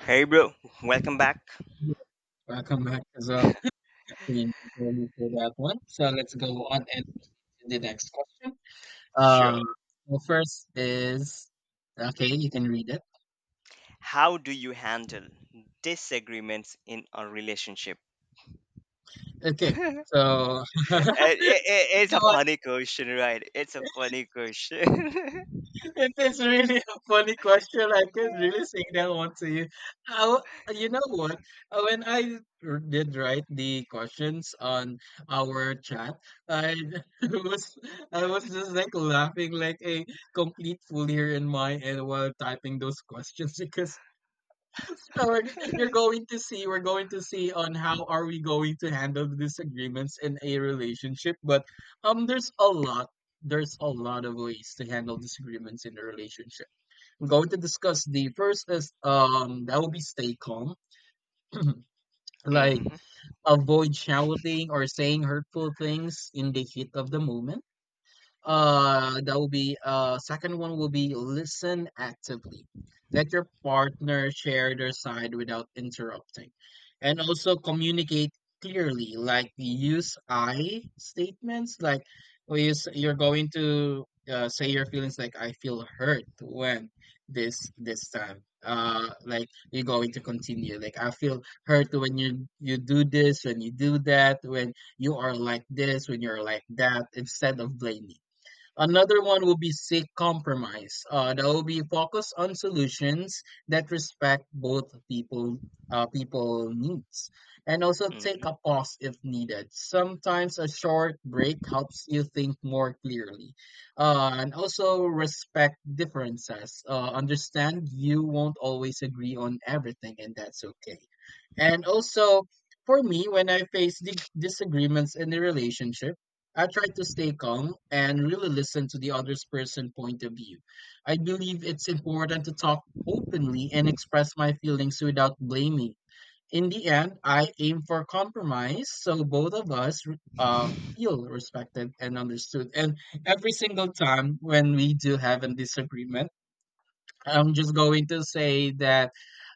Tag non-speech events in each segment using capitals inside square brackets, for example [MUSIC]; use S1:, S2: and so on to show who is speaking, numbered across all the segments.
S1: Hey, bro, welcome back.
S2: Welcome back as well. Thank you very much for that one. So let's go on and to the next question. Um,
S1: Sure.
S2: well, first is okay, you can read it.
S1: How do you handle disagreements in a relationship?
S2: Okay,
S1: [LAUGHS]
S2: so
S1: It- it-
S2: [LAUGHS]
S1: it's a
S2: no,
S1: funny question, right? It's a funny question. [LAUGHS]
S2: it is really a funny question. I could really sing that one to you. I, w- you know what? When I did write the questions on our chat, I [LAUGHS] was I was just like laughing like a complete fool here in my end while typing those questions [LAUGHS] because no, we're you're going to see, we're going to see on how are we going to handle the disagreements in a relationship. But um, there's a lot, there's a lot of ways to handle disagreements in a relationship. I'm going to discuss the first is that will be stay calm, [CLEARS THROAT] like
S1: hmm
S2: avoid shouting or saying hurtful things in the heat of the moment. That will be second one will be listen actively. Let your partner share their side without interrupting. And also communicate clearly, like use I statements, like we use, you're going to say your feelings like I feel hurt when this time. Like you're going to continue. Like I feel hurt when you do this, when you do that, when you are like this, when you're like that, instead of blaming. Another one will be seek compromise. That will be focused on solutions that respect both people people needs, and also take
S1: hmm
S2: a pause if needed. Sometimes a short break helps you think more clearly, and also respect differences. Understand you won't always agree on everything, and that's okay. And also, for me, when I face disagreements in the relationship, I try to stay calm and really listen to the other person's point of view. I believe it's important to talk openly and express my feelings without blaming. In the end, I aim for compromise so both of us uh, feel respected and understood. And every single time when we do have a disagreement, I'm just going to say that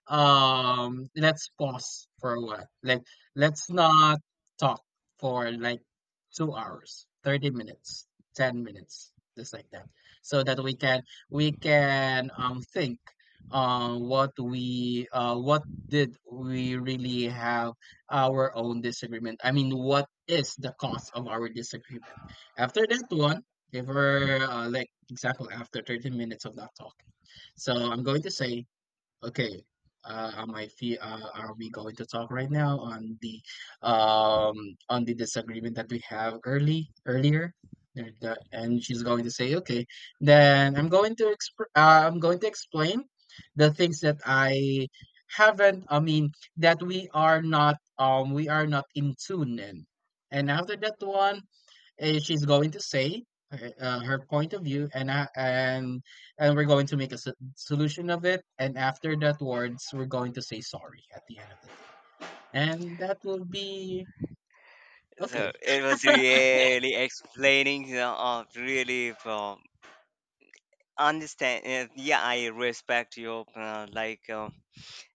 S2: let's pause for a while. Like let's not talk for like 2 hours, 30 minutes, 10 minutes, just like that. So that we can think what did we really have our own disagreement? I mean, what is the cause of our disagreement? After that one, if we're like example after 30 minutes of that talk, so I'm going to say, okay, am I fe are we going to talk right now um on the disagreement that we have early earlier? And she's going to say, okay, then I'm going to exp I'm going to explain the things that I haven't, I mean, that we are not in tune in. And after that one, she's going to say her point of view and I, and we're going to make a solution of it, and after that words we're going to say sorry at the end of the day, and that will be okay.
S1: So it was really explaining, you know, really from understand. Yeah, I respect your like.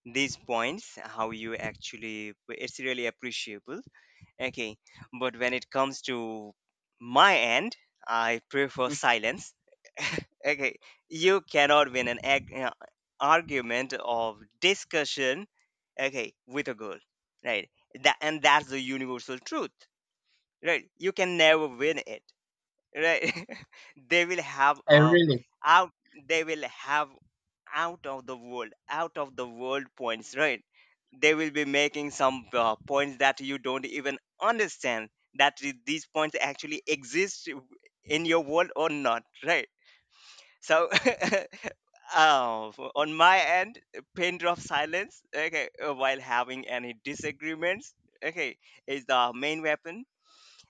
S1: These points how you actually it's really appreciable. Okay, but when it comes to my end, I prefer
S2: Mm,
S1: silence. [LAUGHS] Okay, you cannot win an argument of discussion, okay, with a girl, right? That, and that's the universal truth, right? You can never win it, right? [LAUGHS] They will have
S2: I really
S1: out they will have out of the world, points, right? They will be making some points that you don't even understand, that these points actually exist in your world or not, right? So [LAUGHS] on my end, pain drop silence, okay, while having any disagreements, okay, is the main weapon.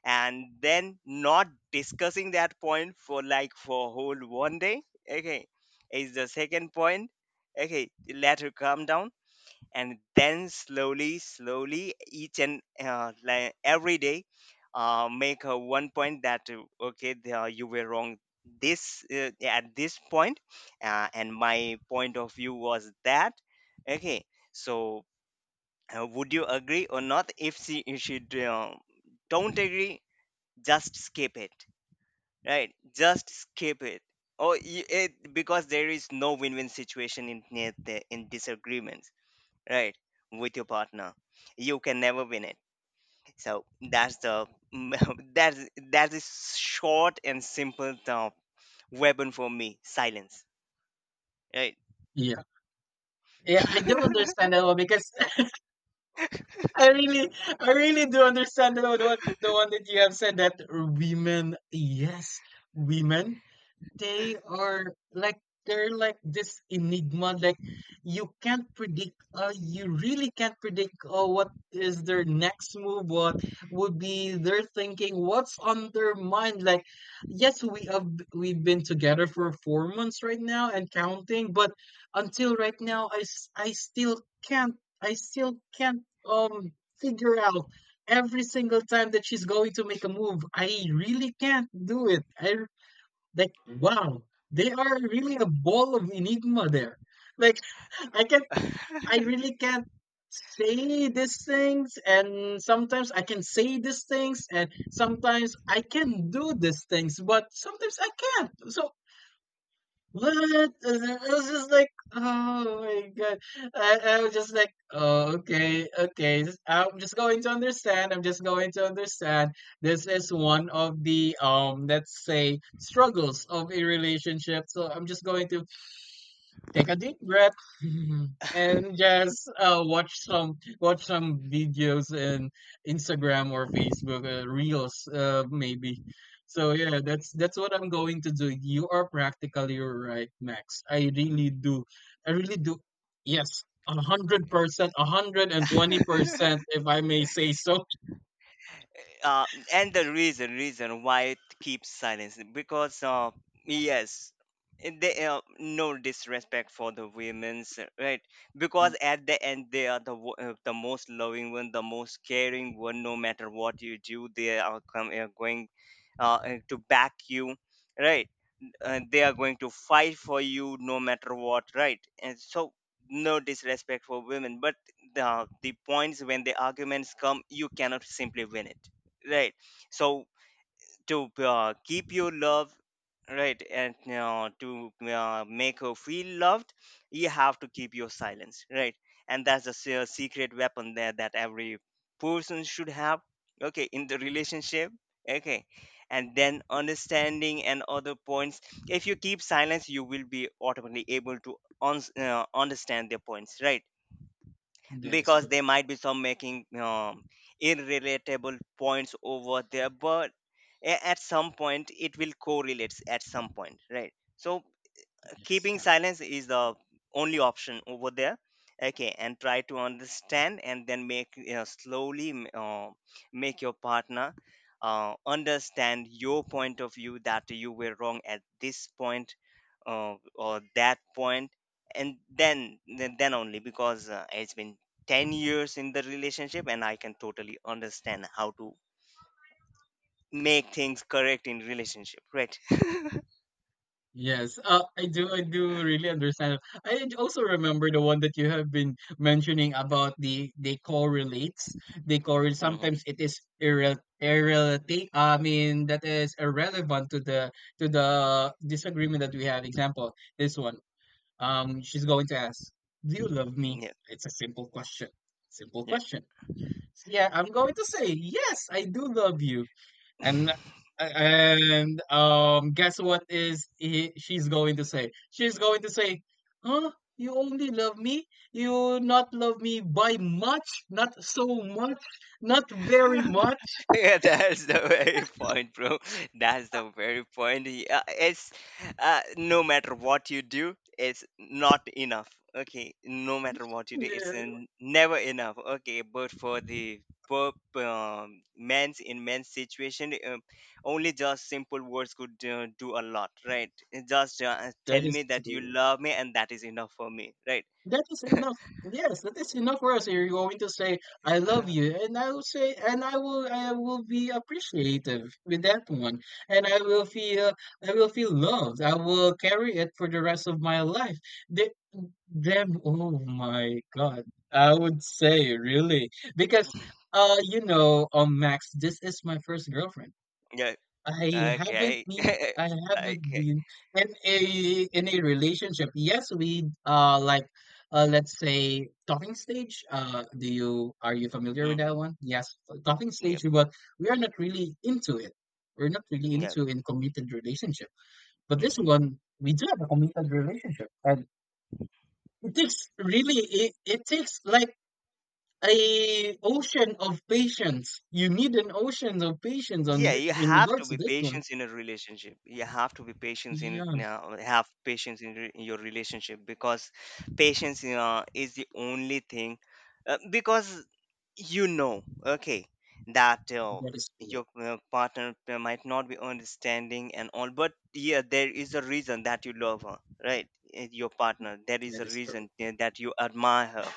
S1: And then not discussing that point for like for whole one day, okay, is the second point. Okay, let her calm down, and then slowly slowly each and like every day, make her one point that okay, the, you were wrong this at this point, and my point of view was that, okay. So would you agree or not? If she, if she uh, don't agree, just skip it, right? Just skip it. Oh you, it, because there is no win-win situation in in disagreements, right, with your partner. You can never win it. So that's the [LAUGHS] that is short and simple weapon for me, silence, right?
S2: yeah, yeah, I do understand that one because [LAUGHS] i really I really do understand the one, the one that you have said, that women, yes, women they are like, they're like this enigma, like you can't predict, you really can't predict, what is their next move, what would be their thinking, what's on their mind. Like, yes, we've been together for 4 months right now and counting, but until right now I still can't, I still can't um figure out every single time that she's going to make a move. I really can't do it. I Like, wow, they are really a ball of enigma there. Like, [LAUGHS] I can't, I really can't say these things, and sometimes I can say these things, and sometimes I can do these things, but sometimes I can't. So what? And then I was just like, oh my god. I was just like, oh, okay, okay. I'm just going to understand. I'm just going to understand. This is one of the, let's say, struggles of a relationship. So I'm just going to take a deep breath [LAUGHS] and just watch some, watch some videos in Instagram or Facebook reels, maybe. So yeah, that's what I'm going to do. You are practically right, Max. I really do. I really do. Yes, 100%, a hundred and twenty
S1: [LAUGHS]
S2: percent, if I may say so.
S1: uh, and the reason why it keeps silence, because yes, they no disrespect for the women's, right?
S2: Mm.
S1: Because at the end, they are the most loving one, the most caring one. No matter what you do, they are, come, are going to back you, right? They are going to fight for you no matter what, right? And so no disrespect for women, but the points, when the arguments come, you cannot simply win it, right? So to keep your love, right, and to make her feel loved, you have to keep your silence, right? And that's the secret weapon there, that every person should have, okay, in the relationship. Okay, and then understanding and other points, if you keep silence, you will be automatically able to uns- uh, understand their points, right?
S2: That is
S1: Because they
S2: correct.
S1: might be some making irrelatable points over there, but at some point it will correlates at some point, right? So
S2: That is
S1: keeping
S2: correct.
S1: silence is the only option over there, okay, and try to understand and then make, you know, slowly make your partner understand your point of view, that you were wrong at this point, or that point, and then only, because it's been 10 years in the relationship and I can totally understand how to make things correct in relationship, right?
S2: Yes, I do. I do really understand. Also remember the one that you have been mentioning about the they correlates. They
S1: [LAUGHS]
S2: correlate.
S1: Mhm.
S2: Sometimes it is I mean, that is irrelevant to the, to the disagreement that we have. Example, this one. She's going to ask, "Do you love me?"
S1: Yeah,
S2: It's a simple question. Simple
S1: yeah.
S2: question. So yeah, I'm going to say yes. I do love you. And and guess what is she's going to say? She's going to say, "Huh? You only love me? You not love me by much? Not so much? Not
S1: [LAUGHS]
S2: very much?"
S1: [LAUGHS] Yeah, that's the very point, bro. That's the very point. Yeah, it's no matter what you do, it's not enough. Okay, no matter what you do,
S2: Yeah,
S1: it's never enough. Okay, but for the poor men's in men's situation, only just simple words could do a lot, right? Just
S2: that
S1: tell
S2: is
S1: me that you
S2: true.
S1: love me, and that is enough for me, right?
S2: That is enough. Yes, that is enough for us. You're going to say, "I love
S1: [LAUGHS]
S2: you," and I will say, and I will be appreciative with that one, and I will feel loved. I will carry it for the rest of my life. The oh my God. I would say really because you know, Max, this is my first girlfriend.
S1: Yeah.
S2: I haven't
S1: Okay. [LAUGHS]
S2: been I haven't
S1: Okay.
S2: been in a, in a relationship. Yes, we like, let's say talking stage. Do you Are you familiar with
S1: Mm,
S2: that one? Yes, talking stage,
S1: yep.
S2: but we are not really into it. We're not really
S1: Yep.
S2: into in committed relationship. But this
S1: Mm.
S2: one we do have a committed relationship and. It takes really, it takes like a ocean of patience. You need an ocean of patience on
S1: Yeah, you
S2: in
S1: have to
S2: regards to
S1: be
S2: this one.
S1: patient in a relationship. You have to be patient in
S2: Yes,
S1: have patience in, in your relationship, because patience, you know, is the only thing, because, you know, okay, that
S2: that is correct.
S1: your partner might not be understanding and all, but yeah, there is a reason that you love her, right? Your partner, there is
S2: That
S1: a
S2: is
S1: reason
S2: correct.
S1: that you admire her,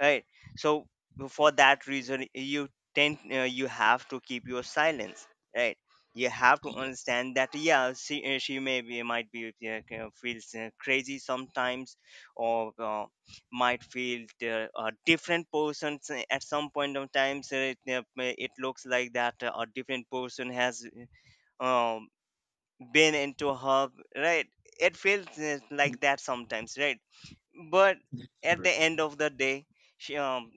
S1: right? So for that reason you tend, you have to keep your silence, right? You have to
S2: Yes,
S1: understand that yeah, she may be might be kind of feels crazy sometimes, or might feel there are different persons at some point of times, it, may- it looks like that a different person has uh, um, been into her, right? It feels like that sometimes, right? But
S2: that is
S1: at the
S2: correct.
S1: end of the day, she, um,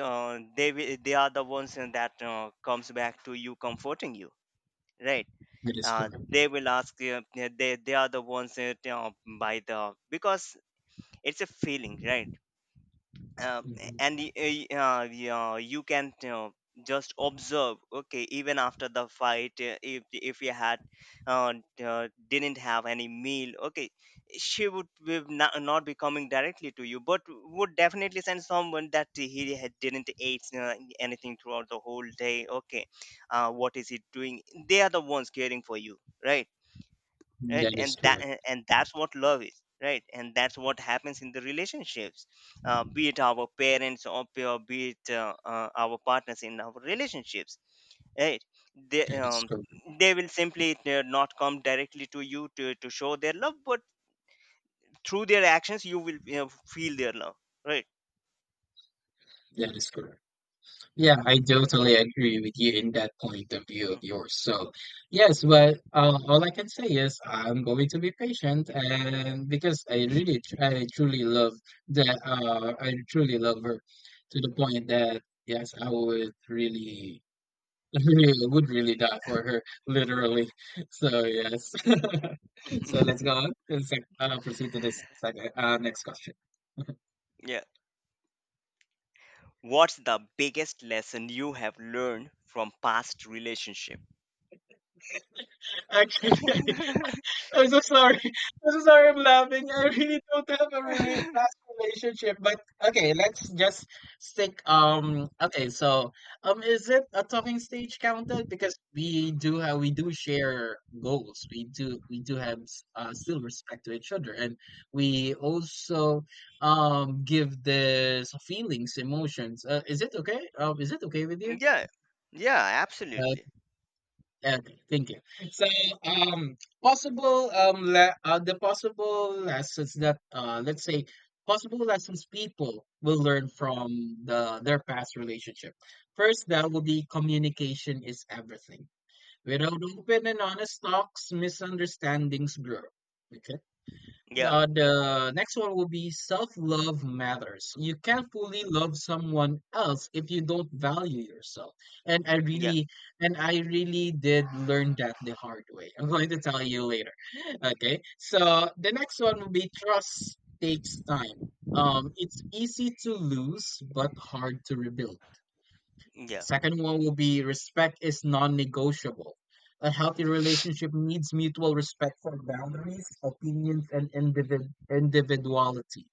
S1: uh, they they are the ones that comes back to you comforting you, right?
S2: That is correct.
S1: They will ask you eh, they are the ones that, by the because it's a feeling, right? uh,
S2: Mhm.
S1: and yeah, you can, you know, just observe, okay, even after the fight, if you had uh, didn't have any meal, okay, she would be not, not be coming directly to you, but would definitely send someone that he had didn't eat anything throughout the whole day, okay, what is he doing? They are the ones caring for you, right? Right,
S2: That is
S1: and that,
S2: correct.
S1: and that's what love is, right? And that's what happens in the relationships, be it our parents, or be it our partners in our relationships, right? They
S2: That is correct.
S1: they will simply not come directly to you to show their love, but through their actions you will, you know, feel their love, right?
S2: That is correct. Yeah, I totally agree with you in that point of view of yours. So, yes, well, all I can say is I'm going to be patient, and because I really, I truly love that, I truly love her to the point that yes, I would really, [LAUGHS] really would really die for her, literally. So yes. [LAUGHS] So let's go
S1: [LAUGHS]
S2: on and proceed to this second, next question.
S1: Yeah. What's the biggest lesson you have learned from past relationship?
S2: [LAUGHS] Actually, I'm so sorry. [LAUGHS] I'm so sorry I'm laughing. I really don't have a really fast relationship. But okay, let's just stick okay, so is it a talking stage counted? Because we do share goals. We do have still respect to each other, and we also give this feelings, emotions. Is it okay? Is it okay with
S1: Yeah. Yeah,
S2: you?
S1: absolutely.
S2: Okay, thank you. So, um, possible the possible lessons that, let's say, possible lessons people will learn from their past relationship. First, that will be communication is everything. Without open and honest talks, misunderstandings grow. Okay.
S1: Yeah.
S2: The next one will be self-love matters. You can't fully love someone else if you don't value yourself. And I
S1: Yeah.
S2: really, and I really did learn that the hard way. [LAUGHS] I'm going to tell you later. [LAUGHS] Okay. So the next one will be trust takes time. It's easy to lose, but hard to rebuild.
S1: Yeah.
S2: Second one will be respect is non negotiable. A healthy relationship needs mutual respect for boundaries, opinions, and individuality.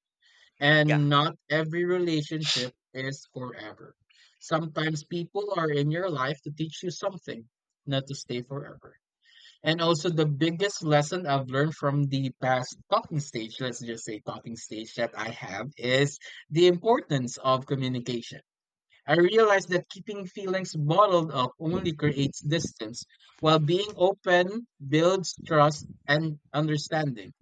S1: Yeah.
S2: And not every relationship is forever. Sometimes people are in your life to teach you something, not to stay forever. And also, the biggest lesson I've learned from the past talking stage, let's just say talking stage that I have, is the importance of communication. I realized that keeping feelings bottled up only creates distance, while being open builds trust and understanding.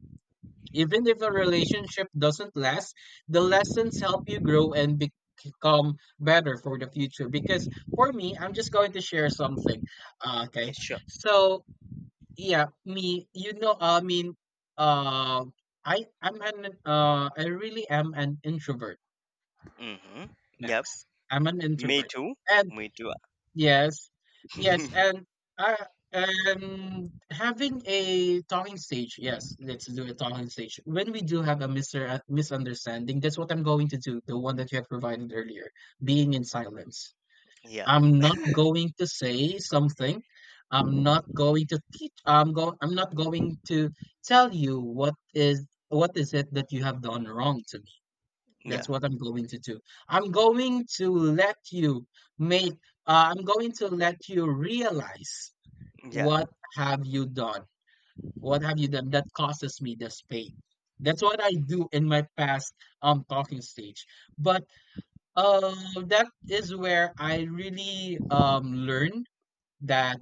S2: Even if a relationship doesn't last, the lessons help you grow and become better for the future. Because for me, I'm just going to share something. Okay.
S1: Yes, sure.
S2: So, yeah, you know, I mean, uh, I'm an, I really am an introvert,
S1: Mm-hmm. Yep.
S2: Max. I'm an
S1: Me
S2: introvert.
S1: too.
S2: And
S1: Me too.
S2: yes. Yes,
S1: [LAUGHS]
S2: and I and having a talking stage, yes, let's do a talking stage. When we do have a Mister misunderstanding, that's what I'm going to do, the one that you have provided earlier, being in silence.
S1: Yeah.
S2: I'm not going to say something. I'm not going to teach. I'm go. I'm not going to tell you what is it that you have done wrong to me. That's
S1: Yeah.
S2: what I'm going to do. I'm going to let you make, realize
S1: Yeah.
S2: what have you done? What have you done that causes me this pain? That's what I do in my past talking stage. But uh, that is where I really learn that,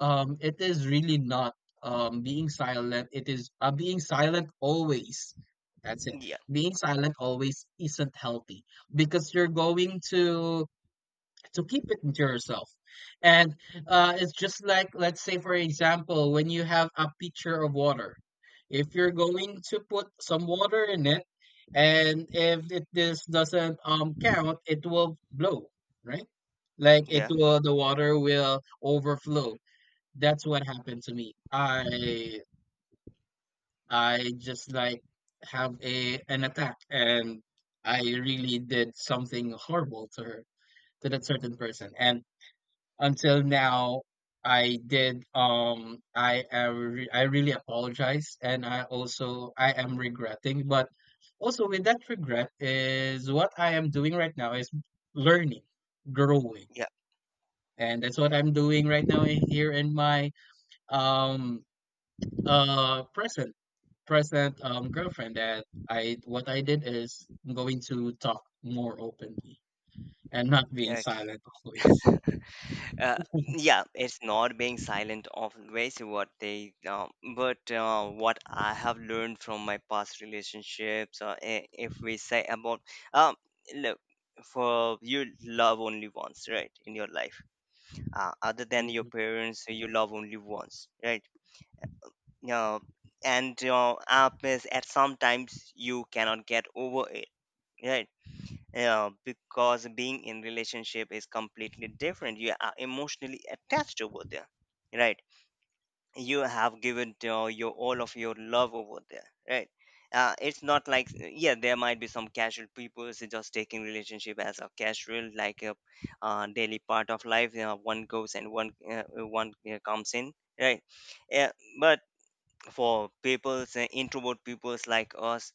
S2: it is really not being silent. It is being silent always. That's it.
S1: Yeah.
S2: Being silent always isn't healthy because you're going to keep it to yourself, and it's just like, let's say for example, when you have a pitcher of water, if you're going to put some water in it, and if it, this doesn't count, it will blow, right? Like it
S1: Yeah.
S2: will the water will overflow. That's what happened to me. I just like have a an attack, and I really did something horrible to her, to that certain person. And until now I really apologize, and I also I am regretting, but also with that regret is what I am doing right now, is learning, growing.
S1: Yeah.
S2: And that's what I'm doing right now, here in my um present, present girlfriend, that I what I did is I'm going to talk more openly and not being
S1: Yeah. Okay.
S2: silent always.
S1: [LAUGHS] Uh, yeah. It's not being silent always what they but what I have learned from my past relationships. If we say about um, look, for you love only once, right, in your life. Other than your
S2: Mhm.
S1: parents, you love only once, right? Yeah, and your app is at sometimes you cannot get over it, right? Yeah, because being in relationship is completely different. You are emotionally attached over there, right? You have given your all of your love over there, right? It's not like yeah, there might be some casual people, so just taking relationship as a casual, like a daily part of life. You know, one goes and one one comes in, right? Yeah, but for people's introvert peoples like us,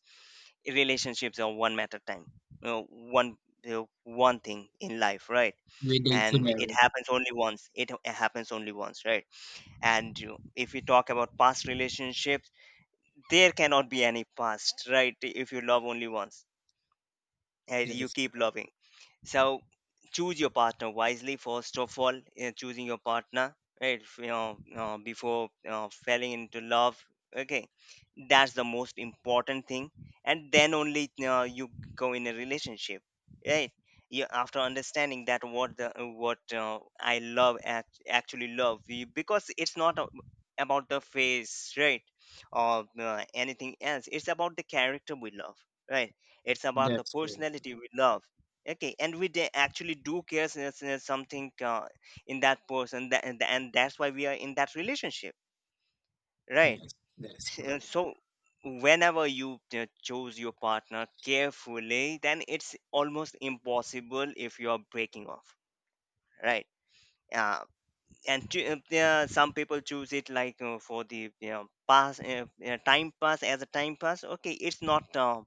S1: relationships are one matter time, you know, one, you, one thing in life, right?
S2: We date to
S1: And it
S2: marry.
S1: happens only once. It happens only once, right? And you, if you talk about past relationships, there cannot be any past, right? If you love only once and
S2: That
S1: you
S2: is
S1: keep
S2: correct.
S1: loving. So choose your partner wisely, first of all. Uh, choosing your partner, right? If, you know, before falling into love, okay, that's the most important thing, and then only you go in a relationship, right? You, after understanding that what the, what I love actually love you- because it's not about the face, right, or anything else. It's about the character we love, right? It's about the
S2: That's correct.
S1: personality we love. Okay, and we actually do care something in that person that, and that's why we are in that relationship, right?
S2: Yes, that is correct.
S1: So whenever you choose your partner carefully, then it's almost impossible if you are breaking off, right? Uh, and to, yeah, some people choose it like for the, you know, pass time pass as a time pass, okay. It's not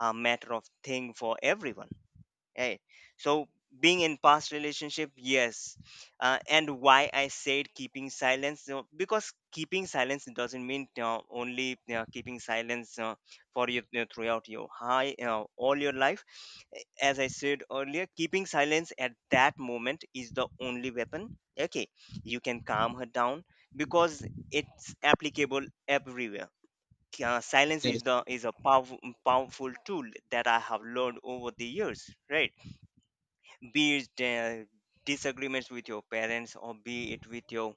S1: a matter of thing for everyone, right? So being in past relationship, yes, and why I said keeping silence, you know, because keeping silence doesn't mean you, only you keeping silence for you, you know, throughout your high, you, all your life. As I said earlier, keeping silence at that moment is the only weapon, okay. You can calm her down, because it's applicable everywhere. Uh, silence
S2: That
S1: is
S2: is
S1: the is a powerful, powerful tool that I have learned over the years, right? Be it uh, disagreements with your parents, or be it with your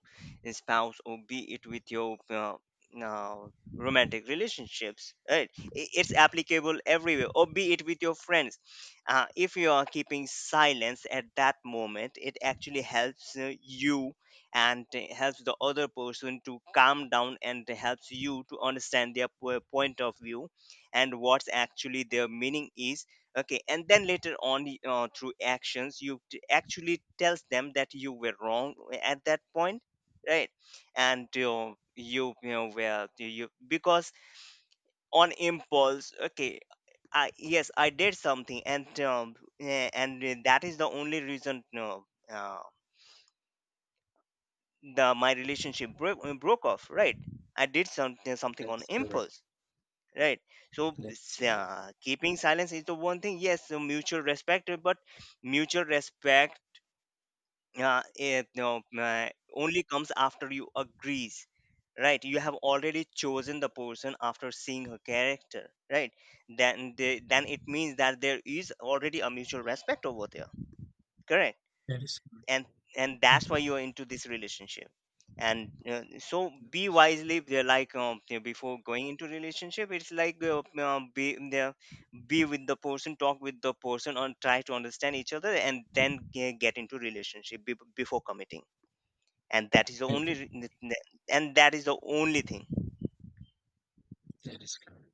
S1: spouse, or be it with your uh, romantic relationships, right? It's applicable everywhere, or be it with your friends. Uh, if you are keeping silence at that moment, it actually helps you, and helps the other person to calm down, and helps you to understand their point of view and what's actually their meaning is, okay. And then later on through actions you actually tells them that you were wrong eh, at that point, right? And you, you know well, you, because on impulse, okay, I, yes I did something, and that is the only reason, no, the my Relationship broke off, right? I did something on
S2: that's correct.
S1: impulse, right? So
S2: That is correct.
S1: keeping silence is the one thing. Yes, so mutual respect, but mutual respect, uh, it, you know, uh, only comes after you agrees, right? You have already chosen the person after seeing her character, right? Then then it means that there is already a mutual respect over there. Correct.
S2: That is correct.
S1: And and
S2: Mhm.
S1: that's why you're into this relationship. And so be wisely they're like before going into relationship, it's like be there, be with the person, talk with the person and try to understand each other and then get into relationship before committing. and that is the
S2: Thank
S1: only
S2: you.
S1: re- and that is the only thing.
S2: That is correct.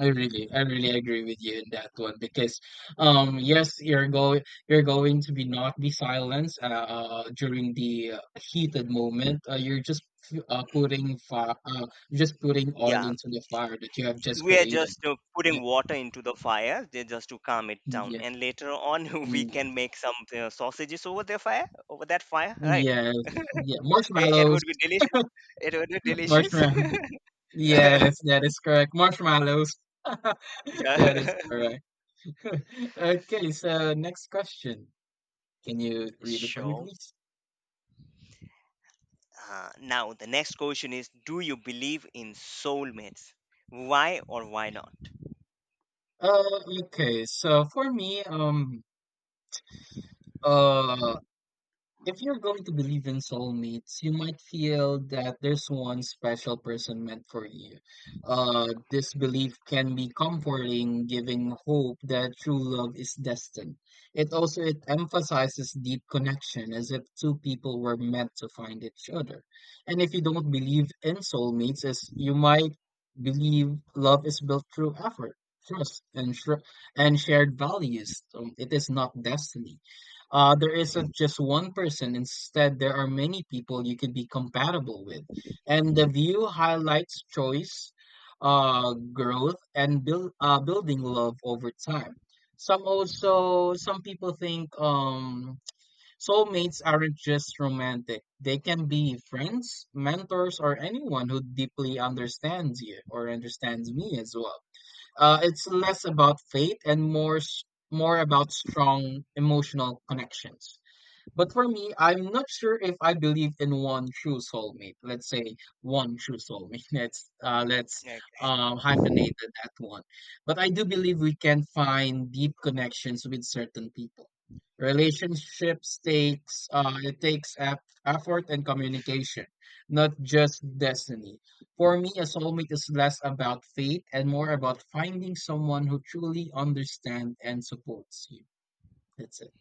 S2: I really agree with you in that one because, yes, you're going to be not be silenced during the heated moment. You're just putting fire, just putting oil
S1: Yeah,
S2: into the fire that you have just
S1: we are
S2: created.
S1: just
S2: Yeah,
S1: putting water into the fire, they just to calm it down,
S2: yes,
S1: and later on [LAUGHS] we
S2: mm,
S1: can
S2: yes,
S1: make some sausages over the fire, over that fire, right?
S2: yes, yeah.
S1: It
S2: Marshmallows,
S1: would be delicious. It would be delicious.
S2: marshmallow.
S1: [LAUGHS]
S2: Yes, that is correct. Marshmallows. [LAUGHS] That is
S1: Yeah. [LAUGHS]
S2: correct. [LAUGHS] Okay, so next question. Can you read it for me,
S1: So,
S2: please?
S1: The next question is, do you believe in soulmates? Why or why not?
S2: Uh, okay, so for me, uh, if you're going to believe in soulmates, you might feel that there's one special person meant for you. This belief can be comforting, giving hope that true love is destined. It also it emphasizes deep connection, as if two people were meant to find each other. And if you don't believe in soulmates, as you might believe love is built through effort, trust, and, and shared values. So it is not destiny. There isn't just one person. Instead, there are many people you could be compatible with. And the view highlights choice, growth, and building love over time. Some people think soulmates aren't just romantic. They can be friends, mentors, or anyone who deeply understands you, or understands me as well. It's less about fate and more about strong emotional connections. But for me, I'm not sure if I believe in one true soulmate. Let's say one true soulmate. [LAUGHS] Let's uh, let's
S1: Like,
S2: um, hyphenate that one. But I do believe we can find deep connections with certain people. Relationships takes effort and communication, not just destiny. For me, a soulmate is less about fate and more about finding someone who truly understands and supports you. That's it.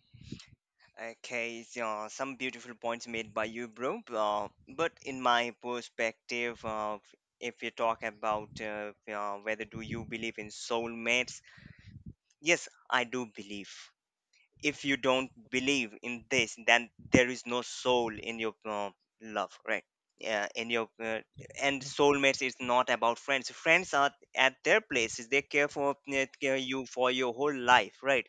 S1: Okay, so some beautiful points made by you, bro. But in my perspective, if you talk about whether do you believe in soulmates, yes, I do believe. If you don't believe in this, then there is no soul in your love, right? Yeah, in your and soulmates is not about friends. Friends are at their places, they care for care you for your whole life, right?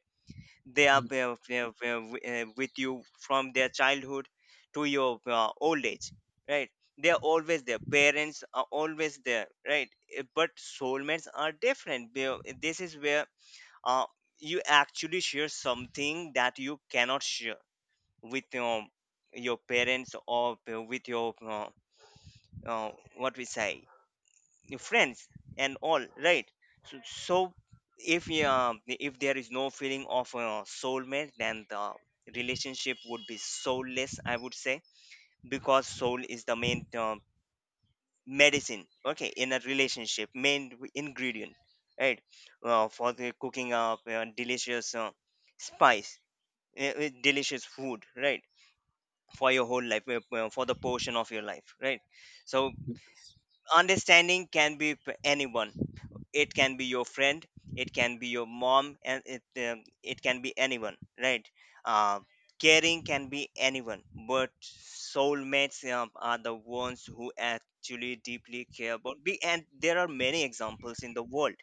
S1: They are
S2: Mm,
S1: with you from their childhood to your old age, right? They are always there. Parents are always there, right? But soulmates are different. This is where uh, you actually share something that you cannot share with your parents, or with your what we say, your friends and all, right? So, if there is no feeling of soulmate, then the relationship would be soulless, I would say. Because soul is the main medicine, okay, in a relationship, main ingredient, right? Uh, for the cooking up delicious, spice, delicious food, right? For your whole life, for the portion of your life, right? So
S2: yes.
S1: understanding can be anyone. It can be your friend, it can be your mom, and it it can be anyone, right? Uh, caring can be anyone, but soulmates are the ones who actually deeply care about be, and there are many examples in the world,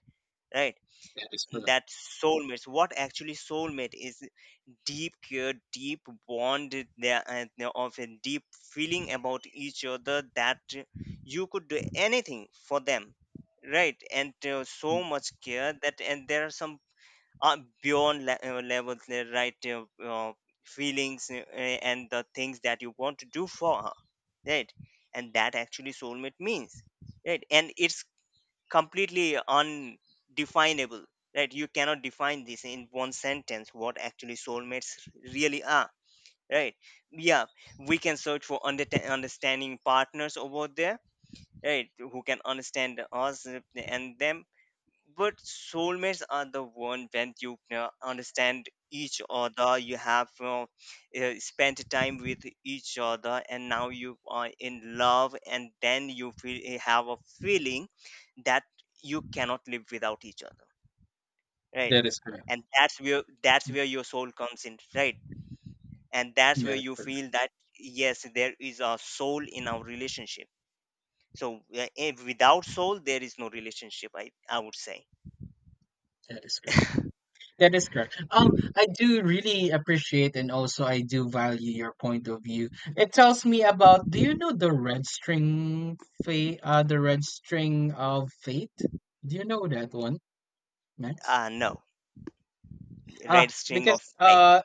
S1: right?
S2: That is correct.
S1: That soulmates, what actually soulmate is, deep care, deep bond there, and there of a deep feeling about each other that you could do anything for them, right? And so
S2: Mm,
S1: much care that, and there are some levels, right? Feelings and the things that you want to do for her, right? And that actually soulmate means, right? And it's completely undefinable, right? You cannot define this in one sentence what actually soulmates really are, right? Yeah, we can search for understanding partners over there, right, who can understand us and them. But soulmates are the one when you understand each other, you have spent time with each other and now you are in love, and then you feel, you have a feeling that you cannot live without each other, right?
S2: that is correct.
S1: And that's where your soul comes in, right? And that's where
S2: That is
S1: you
S2: correct.
S1: feel that yes, there is a soul in our relationship. So if without soul there is no relationship, I would say.
S2: That is correct. That is correct. I do really appreciate, and also I do value your point of view. It tells me about, do you know the red string of fate? Do you know that one, Max?
S1: Uh, no.
S2: Uh,
S1: Red string
S2: because,
S1: of fate.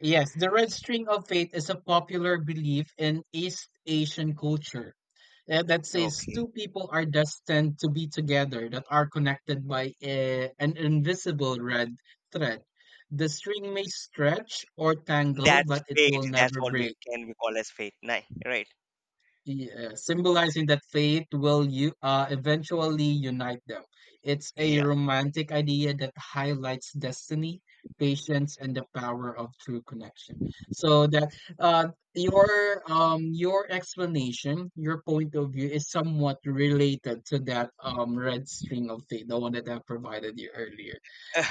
S2: yes, the red string of fate is a popular belief in East Asian culture that says
S1: Okay.
S2: two people are destined to be together, that are connected by an invisible red thread. The string may stretch or tangle,
S1: That's
S2: but it
S1: fate.
S2: will
S1: That's
S2: never
S1: what we
S2: break.
S1: can we call as fate. Nine. Right.
S2: Yeah, symbolizing that fate will you eventually unite them. It's a
S1: Yeah.
S2: romantic idea that highlights destiny, patience, and the power of true connection. So that your explanation, your point of view, is somewhat related to that red string of fate, the one that I provided you earlier.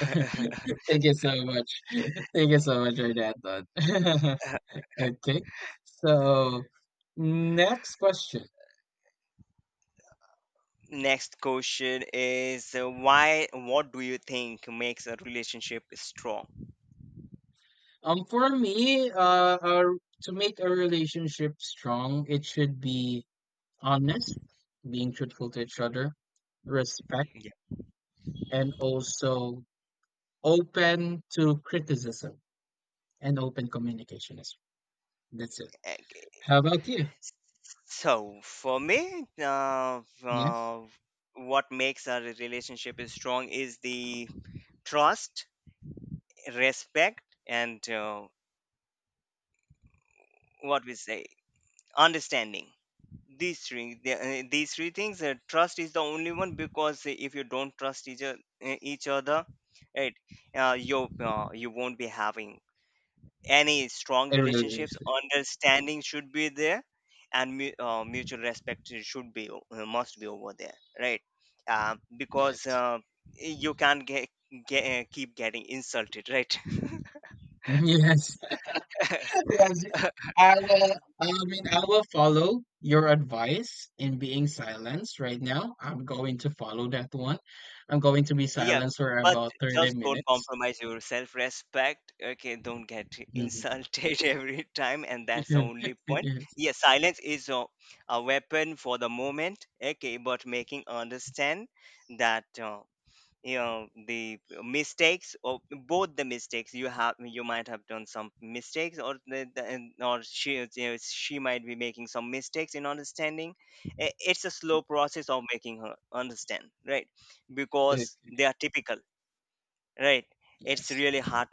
S2: [LAUGHS] Thank you so much. [LAUGHS] Thank you so much for that, Don. [LAUGHS] Okay, so next question.
S1: Next question is, why what do you think makes a relationship strong?
S2: For me, uh, to make a relationship strong, it should be honest, being truthful to each other, respect,
S1: Yeah.
S2: and also open to criticism and open communication as well. That's it.
S1: Okay.
S2: How about you?
S1: So for me,
S2: Yes,
S1: what makes a relationship is strong is the trust, respect, and what we say, understanding. These three these three things, trust is the only one, because if you don't trust each other, right? Uh, you you won't be having any strong
S2: a
S1: relationships.
S2: relationship.
S1: Understanding should be there, and mutual respect should be must be over there, right? Uh, because
S2: Yes,
S1: you can't get, keep getting insulted [LAUGHS] right?
S2: [LAUGHS] yes. Yes, I will, I mean, I will follow your advice in being silenced right now. I'm going to follow that one. I'm going to be
S1: Yeah,
S2: silenced for
S1: but
S2: about 30
S1: just don't
S2: minutes.
S1: compromise your self respect. Okay, don't get
S2: Mhm.
S1: insulted [LAUGHS] every time, and that's the only
S2: [LAUGHS]
S1: point. Yes, silence is a weapon for the moment. Okay, but making understand that the mistakes, or both the mistakes, you have, you might have done some mistakes, or or she is- you know, she might be making some mistakes in understanding. It's a slow process of making her understand, right?
S2: Yes.
S1: Because they are typical, right? It's
S2: Yes.
S1: really hard.